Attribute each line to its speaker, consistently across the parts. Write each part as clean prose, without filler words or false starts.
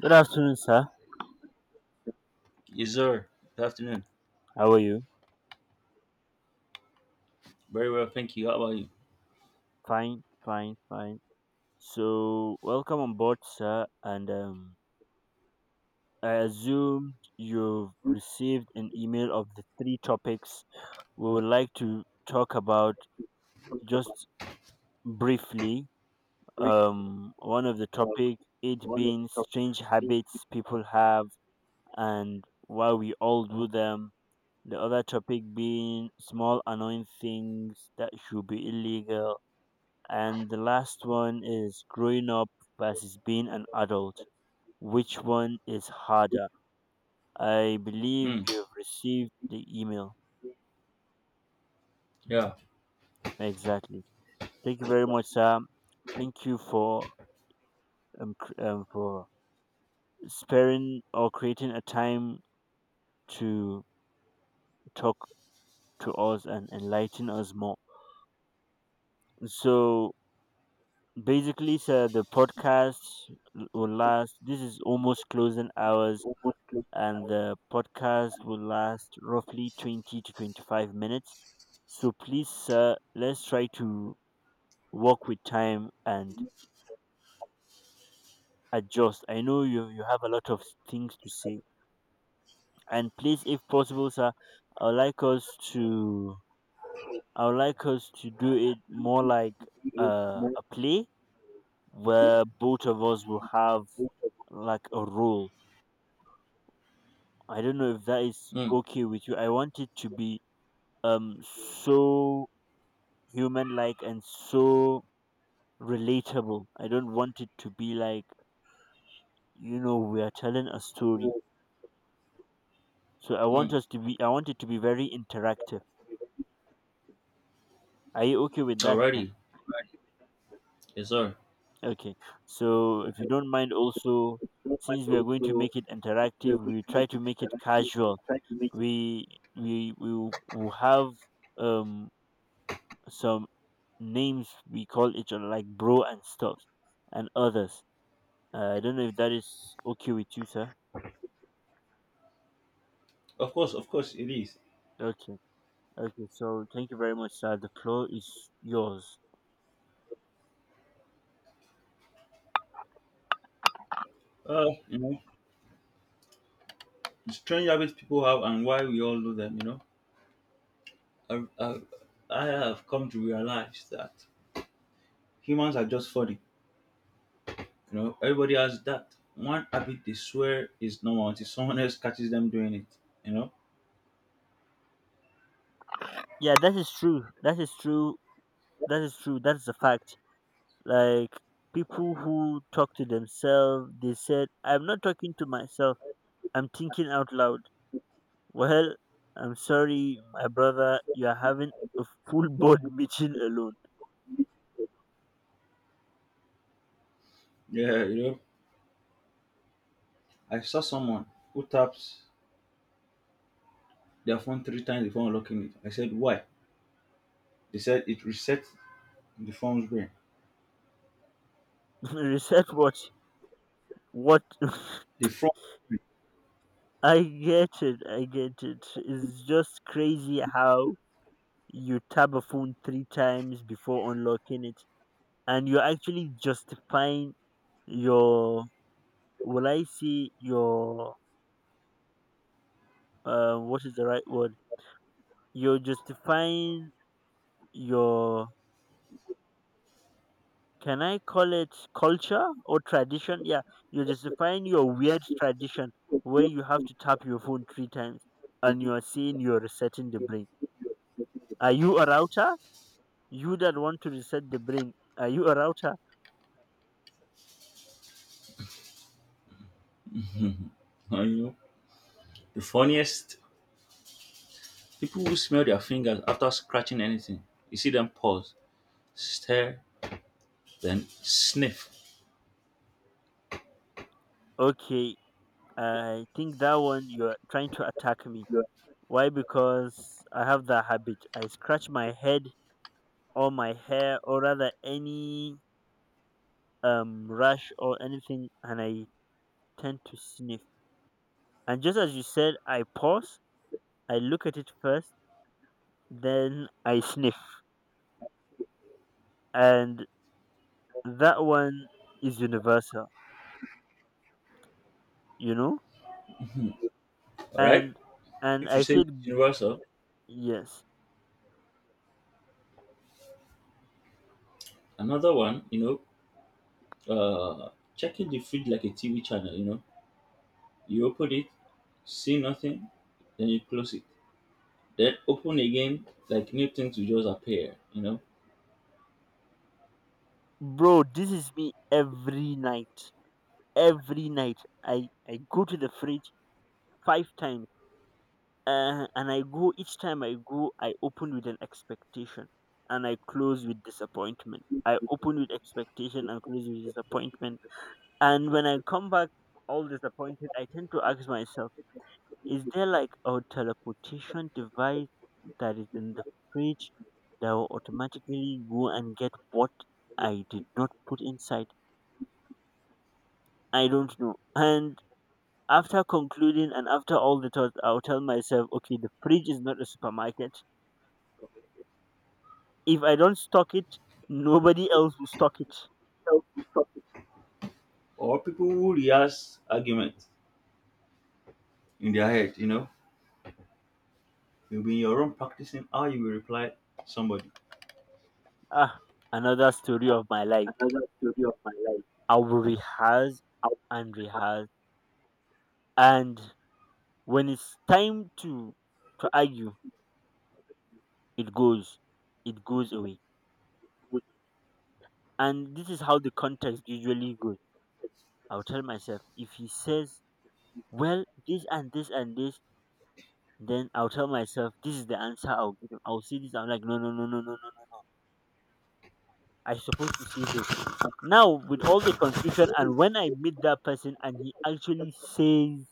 Speaker 1: Good afternoon, sir.
Speaker 2: Yes, sir. Good afternoon.
Speaker 1: How are you?
Speaker 2: Very well, thank you. How about you?
Speaker 1: Fine, fine, fine. So, welcome on board, sir. And I assume you've received an email of the three topics we would like to talk about just briefly. One of the topic, it being strange habits people have and why we all do them. The other topic being small annoying things that should be illegal. And the last one is growing up versus being an adult. Which one is harder? I believe
Speaker 2: Mm,
Speaker 1: you've received the email.
Speaker 2: yeah.
Speaker 1: Exactly. Thank you very much, Sam. Thank you for um, cr- um for sparing or creating a time to talk to us and enlighten us more. So basically, sir, the podcast will last. This is almost closing hours and the podcast will last roughly 20 to 25 minutes. So please, sir, let's try to work with time and adjust. I know you have a lot of things to say. And please, if possible, sir, I would like us to I would like us to do it more like a play where both of us will have like a role. I don't know if that is
Speaker 2: Mm,
Speaker 1: okay with you. I want it to be so human like and so relatable. I don't want it to be like, you know, we are telling a story. So
Speaker 2: mm.
Speaker 1: I want it to be very interactive. Are you okay with that, sir?
Speaker 2: Alrighty. Yes, sir.
Speaker 1: Okay. So if you don't mind also, since we are going to make it interactive, we try to make it casual. We we will have um some names we call each other like bro and stuff and others. I don't know if that is okay with you, sir.
Speaker 2: Of course, it is.
Speaker 1: Okay. Okay, so thank you very much, sir. The floor is yours.
Speaker 2: You know, the strange habits people have and why we all do them. You know, I I, have come to realize that humans are just funny. You know, everybody has that one habit they swear is normal until someone else catches them doing it. You know,
Speaker 1: Yeah, that is true. That is true. That is true. That is a fact. Like people who talk to themselves, they said, "I'm not talking to myself. I'm thinking out loud." Well, I'm sorry, my brother. You are having a full board meeting alone.
Speaker 2: yeah, you know. I saw someone who taps their phone three times before unlocking it. I said, why? They said it resets the front brain.
Speaker 1: Reset what? What?
Speaker 2: The front brain.
Speaker 1: I get it. I get it. It's just crazy how you tap a phone three times before unlocking it, and you're actually justifying your, will I say, your, what is the right word? You're justifying your, can I call it culture or tradition? Yeah, you're justifying your weird tradition where you have to tap your phone three times and you are saying you're resetting the brain. Are you a router? You that want to reset the brain, are you a router?
Speaker 2: You know, the funniest people who smell their fingers after scratching anything. You see them pause, stare, then sniff.
Speaker 1: Okay, I think that one you're trying to attack me. Why? Because I have that habit. I scratch my head or my hair or rather any rash or anything, and I tend to sniff. And just as you said, I pause, I look at it first, then I sniff. And that one is universal, you know?
Speaker 2: All right.
Speaker 1: And and
Speaker 2: If you
Speaker 1: I
Speaker 2: say it's
Speaker 1: said
Speaker 2: universal,
Speaker 1: yes.
Speaker 2: another one, know, uh, checking the fridge like a TV channel. You know, you open it, see nothing, then you close it, then open again, like new things will just appear. You know,
Speaker 1: Bro, this is me every night. Every night. I go to the fridge five times, and I go, each time I go, I open with an expectation and I close with disappointment. I open with expectation and close with disappointment. And when I come back all disappointed, I tend to ask myself, is there like a teleportation device that is in the fridge that will automatically go and get what I did not put inside? I don't know. And after concluding, and after all the thoughts, I'll tell myself, okay, the fridge is not a supermarket. If I don't stock it, nobody else will stock it.
Speaker 2: or people who rehearse arguments in their head. You know, you'll be in your room practicing how you will reply somebody.
Speaker 1: Ah, another story of my life. I will rehearse and rehearse, and when it's time to argue, it goes, it goes away. And this is how the context usually goes. I'll tell myself, if he says, "Well, this and this and this," then I'll tell myself, this is the answer I'll give him. I'll say this. I'm like, no, no, no, no, no, no, no. I am supposed to say this. Now, with all the confusion, and when I meet that person and he actually says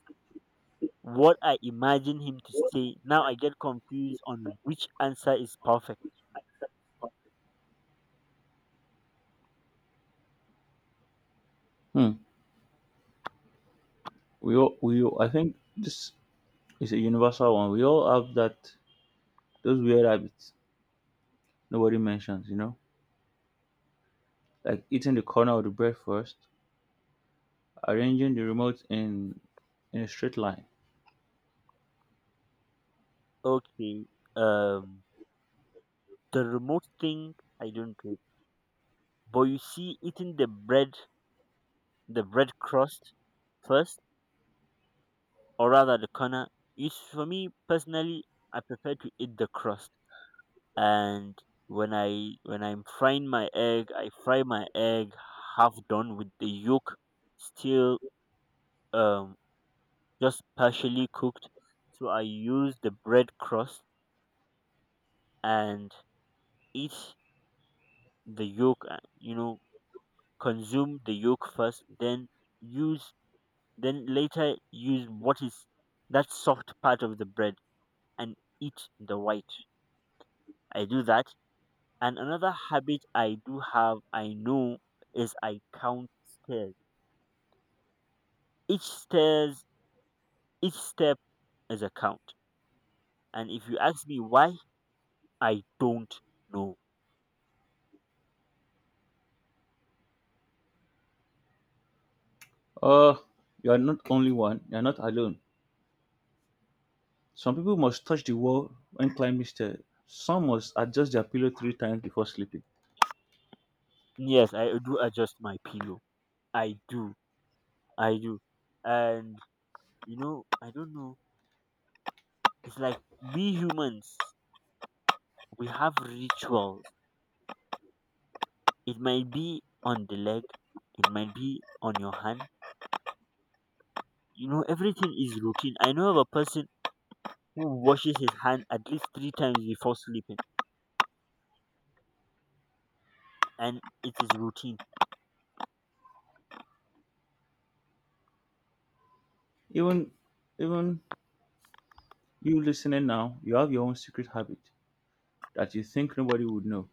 Speaker 1: what I imagine him to say, now I get confused on which answer is perfect.
Speaker 2: Hmm. We all, I think this is a universal one. We all have that those weird habits nobody mentions, you know, like eating the corner of the bread first, arranging the remote in a straight line.
Speaker 1: Okay, um, the remote thing I don't do, it. But you see, eating the bread crust first, or rather the corner, is for me personally. I prefer to eat the crust. And when I'm frying my egg, I fry my egg half done with the yolk still, um just partially cooked. So I use the bread crust and eat the yolk. You know, consume the yolk first, then use, then later use what is that soft part of the bread and eat the white. I do that. And another habit I do have, I know, is I count stairs. Each stairs, each step is a count. And if you ask me why, I don't know.
Speaker 2: Oh, you are not only one. You are not alone. Some people must touch the wall when climbing stairs. Some must adjust their pillow three times before sleeping.
Speaker 1: Yes, I do adjust my pillow. I do. I do. And you know, I don't know. It's like we humans, we have rituals. It might be on the leg, it might be on your hand. You know, everything is routine. I know of a person who washes his hand at least three times before sleeping, and it is routine.
Speaker 2: Even even you listening now, you have your own secret habit that you think nobody would know.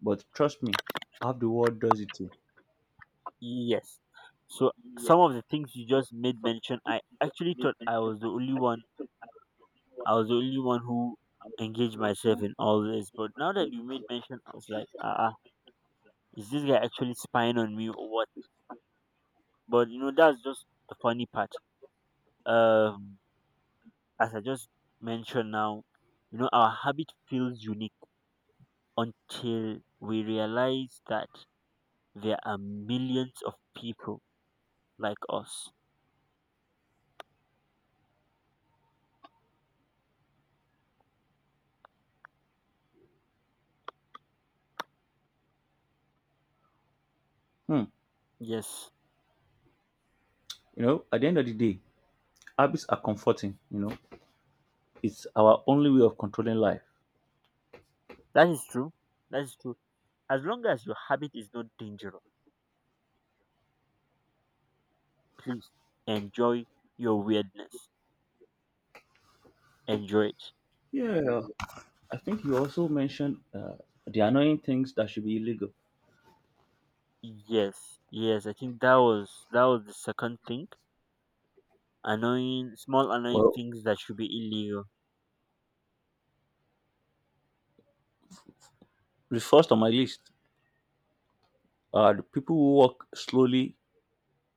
Speaker 2: But trust me, half the world does it too.
Speaker 1: Yes. So some of the things you just made mention, I actually thought I was the only one. I was the only one who engaged myself in all this. But now that you made mention, I was like, is this guy actually spying on me or what? But you know, that's just the funny part. Um, as I just mentioned now, you know, our habit feels unique until we realize that there are millions of people like us.
Speaker 2: Hmm.
Speaker 1: Yes,
Speaker 2: You know, at the end of the day, habits are comforting. You know, it's our only way of controlling life.
Speaker 1: that is true. That is true. As long as your habit is not dangerous, please enjoy your weirdness. Enjoy it.
Speaker 2: Yeah, I think you also mentioned the annoying things that should be illegal.
Speaker 1: Yes, yes. I think that was the second thing. Annoying, small annoying
Speaker 2: Well,
Speaker 1: things that should be illegal.
Speaker 2: the first on my list are the people who walk slowly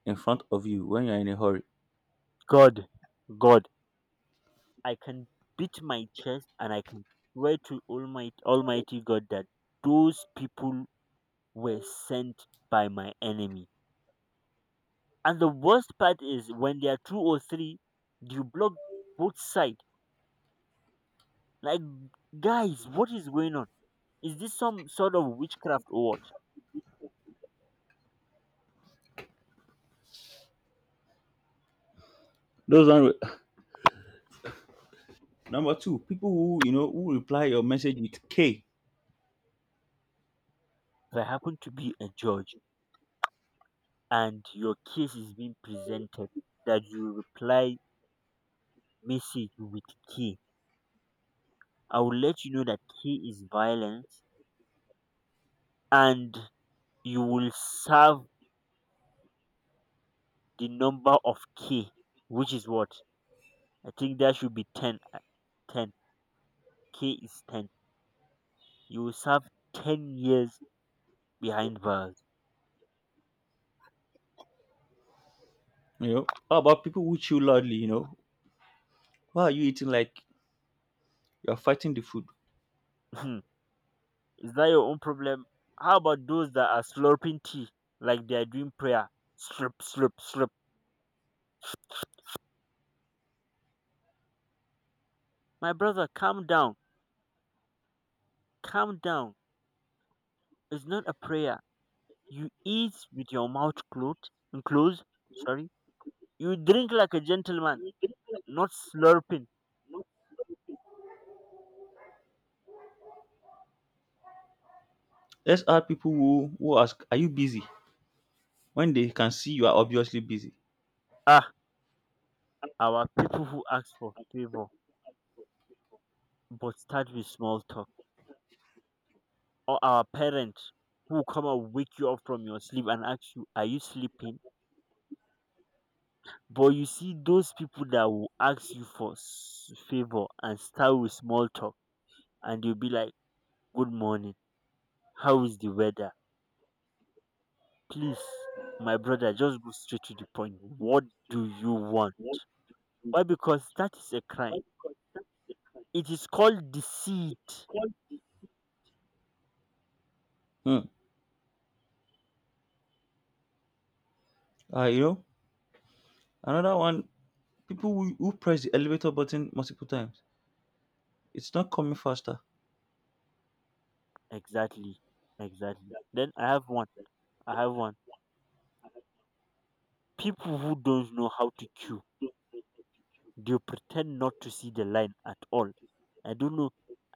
Speaker 2: in front of you when you're in a hurry.
Speaker 1: God, God, I can beat my chest, and I can swear to Almighty Almighty God that those people were sent by my enemy. And the worst part is when there are two or three, you block both sides. Like, guys, what is going on? Is this some sort of witchcraft or what?
Speaker 2: Those are number two. People who, you know, who reply your message with K.
Speaker 1: If I happen to be a judge and your case is being presented, that you reply message with K, I will let you know that K is violence and you will serve the number of K, which is what? I think that should be 10. 10. K is 10. You will serve 10 years behind bars.
Speaker 2: You know, how about people who chew loudly? You know, why are you eating like you're fighting the food?
Speaker 1: Is that your own problem? How about those that are slurping tea like they are doing prayer? Slurp, slurp, slurp. My brother, calm down. Calm down. It's not a prayer. You eat with your mouth closed. Closed. Sorry. You drink like a gentleman, not slurping.
Speaker 2: Let's add people who ask, "Are you busy?" when they can see you are obviously busy.
Speaker 1: Ah, our people who ask for favor but start with small talk, or our parents who come and wake you up from your sleep and ask you, "Are you sleeping?" But you see those people that will ask you for favor and start with small talk, and you'll be like, good morning, how is the weather? Please, my brother, just go straight to the point. What do you want? Why? Because that is a crime. It is called deceit.
Speaker 2: Hmm. You know, another one: people who press the elevator button multiple times. It's not coming faster.
Speaker 1: Exactly. Exactly. Then I have one. I have one. People who don't know how to queue. They pretend not to see the line at all. I don't know.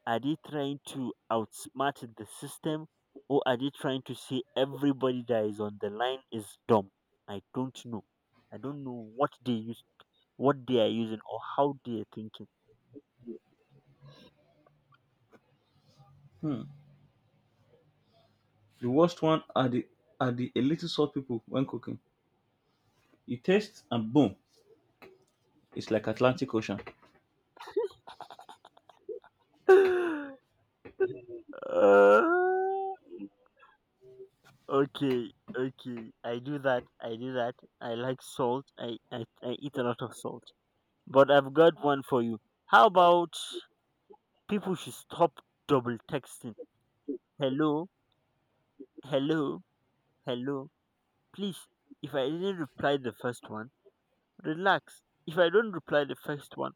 Speaker 1: Are they trying to outsmart the system or are they trying to say everybody that is on the line is dumb? I don't know. I don't know what they use, what they are using or how they are thinking.
Speaker 2: Hmm. The worst one are the a little salt people when cooking. You taste and boom, it's like Atlantic Ocean.
Speaker 1: Uh, okay, okay. I do that. I do that. I like salt. I eat a lot of salt. But I've got one for you. How about people should stop double texting? Hello, hello, hello. Please, if I didn't reply the first one, relax. If I don't reply the first one,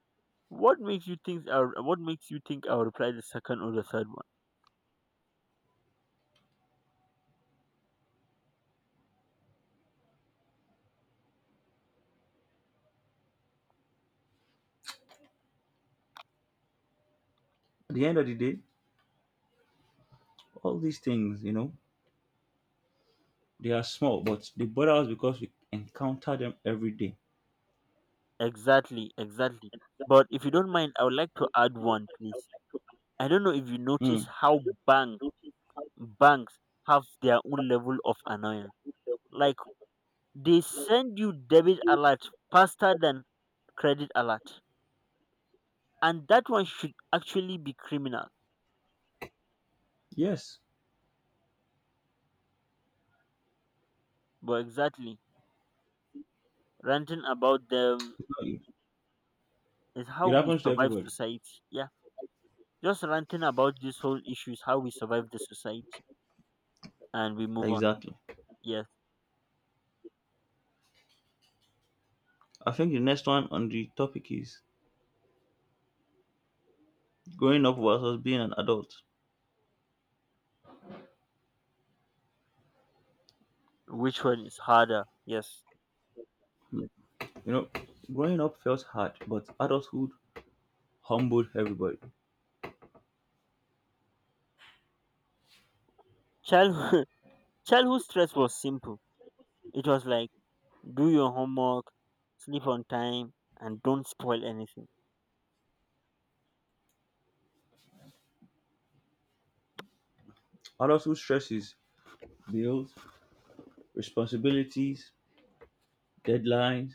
Speaker 1: what makes you think I'll, what makes you think I'll reply the second or the third one?
Speaker 2: At the end of the day, all these things, you know, they are small, but they bother us because we encounter them every day.
Speaker 1: Exactly, exactly. But if you don't mind, I would like to add one, please. I don't know if you
Speaker 2: Hmm.
Speaker 1: notice how bank banks have their own level of annoyance. Like they send you debit alert faster than credit alert, and that one should actually be criminal.
Speaker 2: Yes,
Speaker 1: But exactly. Ranting about them is how
Speaker 2: it
Speaker 1: we
Speaker 2: happens to
Speaker 1: survive
Speaker 2: everybody.
Speaker 1: society. Yeah, just ranting about this whole issue is how we survive the society, and we move on.
Speaker 2: Exactly.
Speaker 1: Yes,
Speaker 2: I think the next one on the topic is growing up versus being an adult.
Speaker 1: which one is harder? Yes,
Speaker 2: You know, growing up felt hard, but adulthood humbled everybody.
Speaker 1: childhood childhood stress was simple. It was like, do your homework, sleep on time, and don't spoil anything.
Speaker 2: Adulthood stresses bills, responsibilities, deadlines,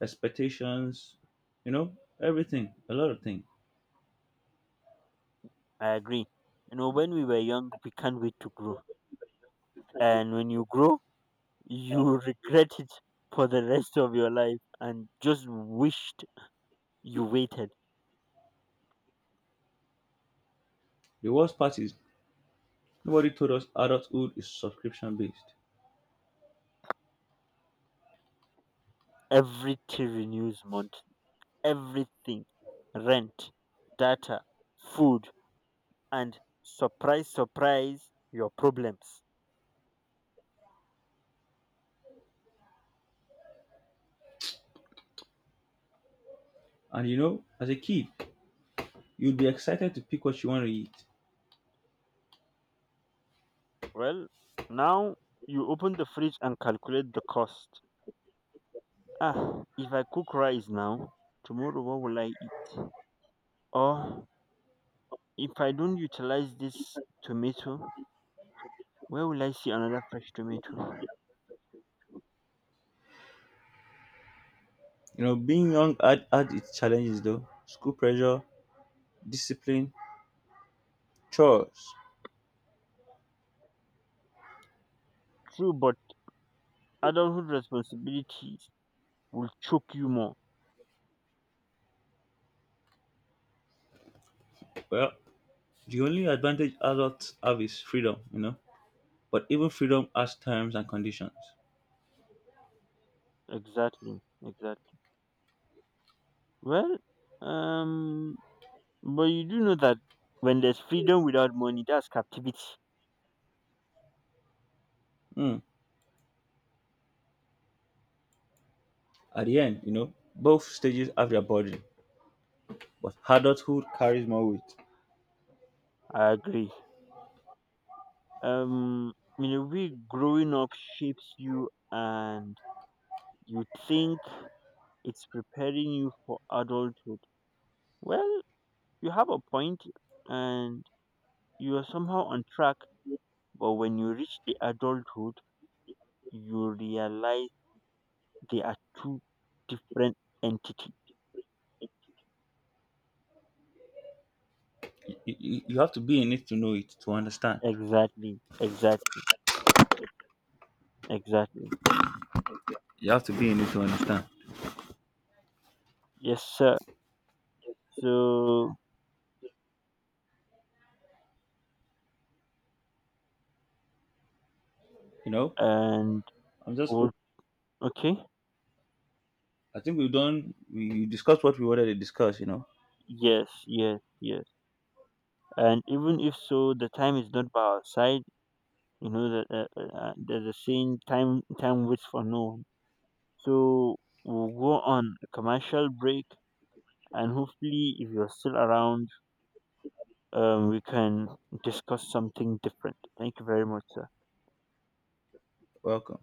Speaker 2: expectations, you know, everything, a lot of things.
Speaker 1: I agree. You know, when we were young, we can't wait to grow, and when you grow, you regret it for the rest of your life, and just wished you waited.
Speaker 2: The worst part is nobody told us adulthood is subscription based.
Speaker 1: Everything renews monthly. Everything. Rent, data, food, and surprise, surprise, your problems.
Speaker 2: And you know, as a kid, you'd be excited to pick what you want to eat.
Speaker 1: Well, now you open the fridge and calculate the cost. Ah, if I cook rice now, tomorrow what will I eat? Or if I don't utilize this tomato, where will I see another fresh tomato?
Speaker 2: You know, being young had its challenges though school pressure, discipline, chores.
Speaker 1: True, but adulthood responsibilities will choke you more.
Speaker 2: Well, the only advantage adults have is freedom, you know. But even freedom has terms and conditions.
Speaker 1: Exactly, exactly. Well, um, but you do know that when there's freedom without money, that's captivity.
Speaker 2: Hmm. At the end, you know, both stages have their burden, but adulthood carries more weight.
Speaker 1: I agree. Um, in a way, growing up shapes you, and you think it's preparing you for adulthood. Well, you have a point, and you are somehow on track. But when you reach the adulthood, you realize they are two different entities.
Speaker 2: You have to be in it to know it, to understand.
Speaker 1: Exactly. Exactly. Exactly.
Speaker 2: You have to be in it to understand.
Speaker 1: Yes, sir. So
Speaker 2: You know,
Speaker 1: and
Speaker 2: I'm just.
Speaker 1: oh, okay,
Speaker 2: I think we've done. We discussed what we wanted to discuss. You know,
Speaker 1: yes, yes, yes. And even if so, the time is not by our side. You know that there's a saying, "Time, time waits for no one." So we'll go on a commercial break, and hopefully, if you're still around, we can discuss something different. Thank you very much, sir.
Speaker 2: welcome.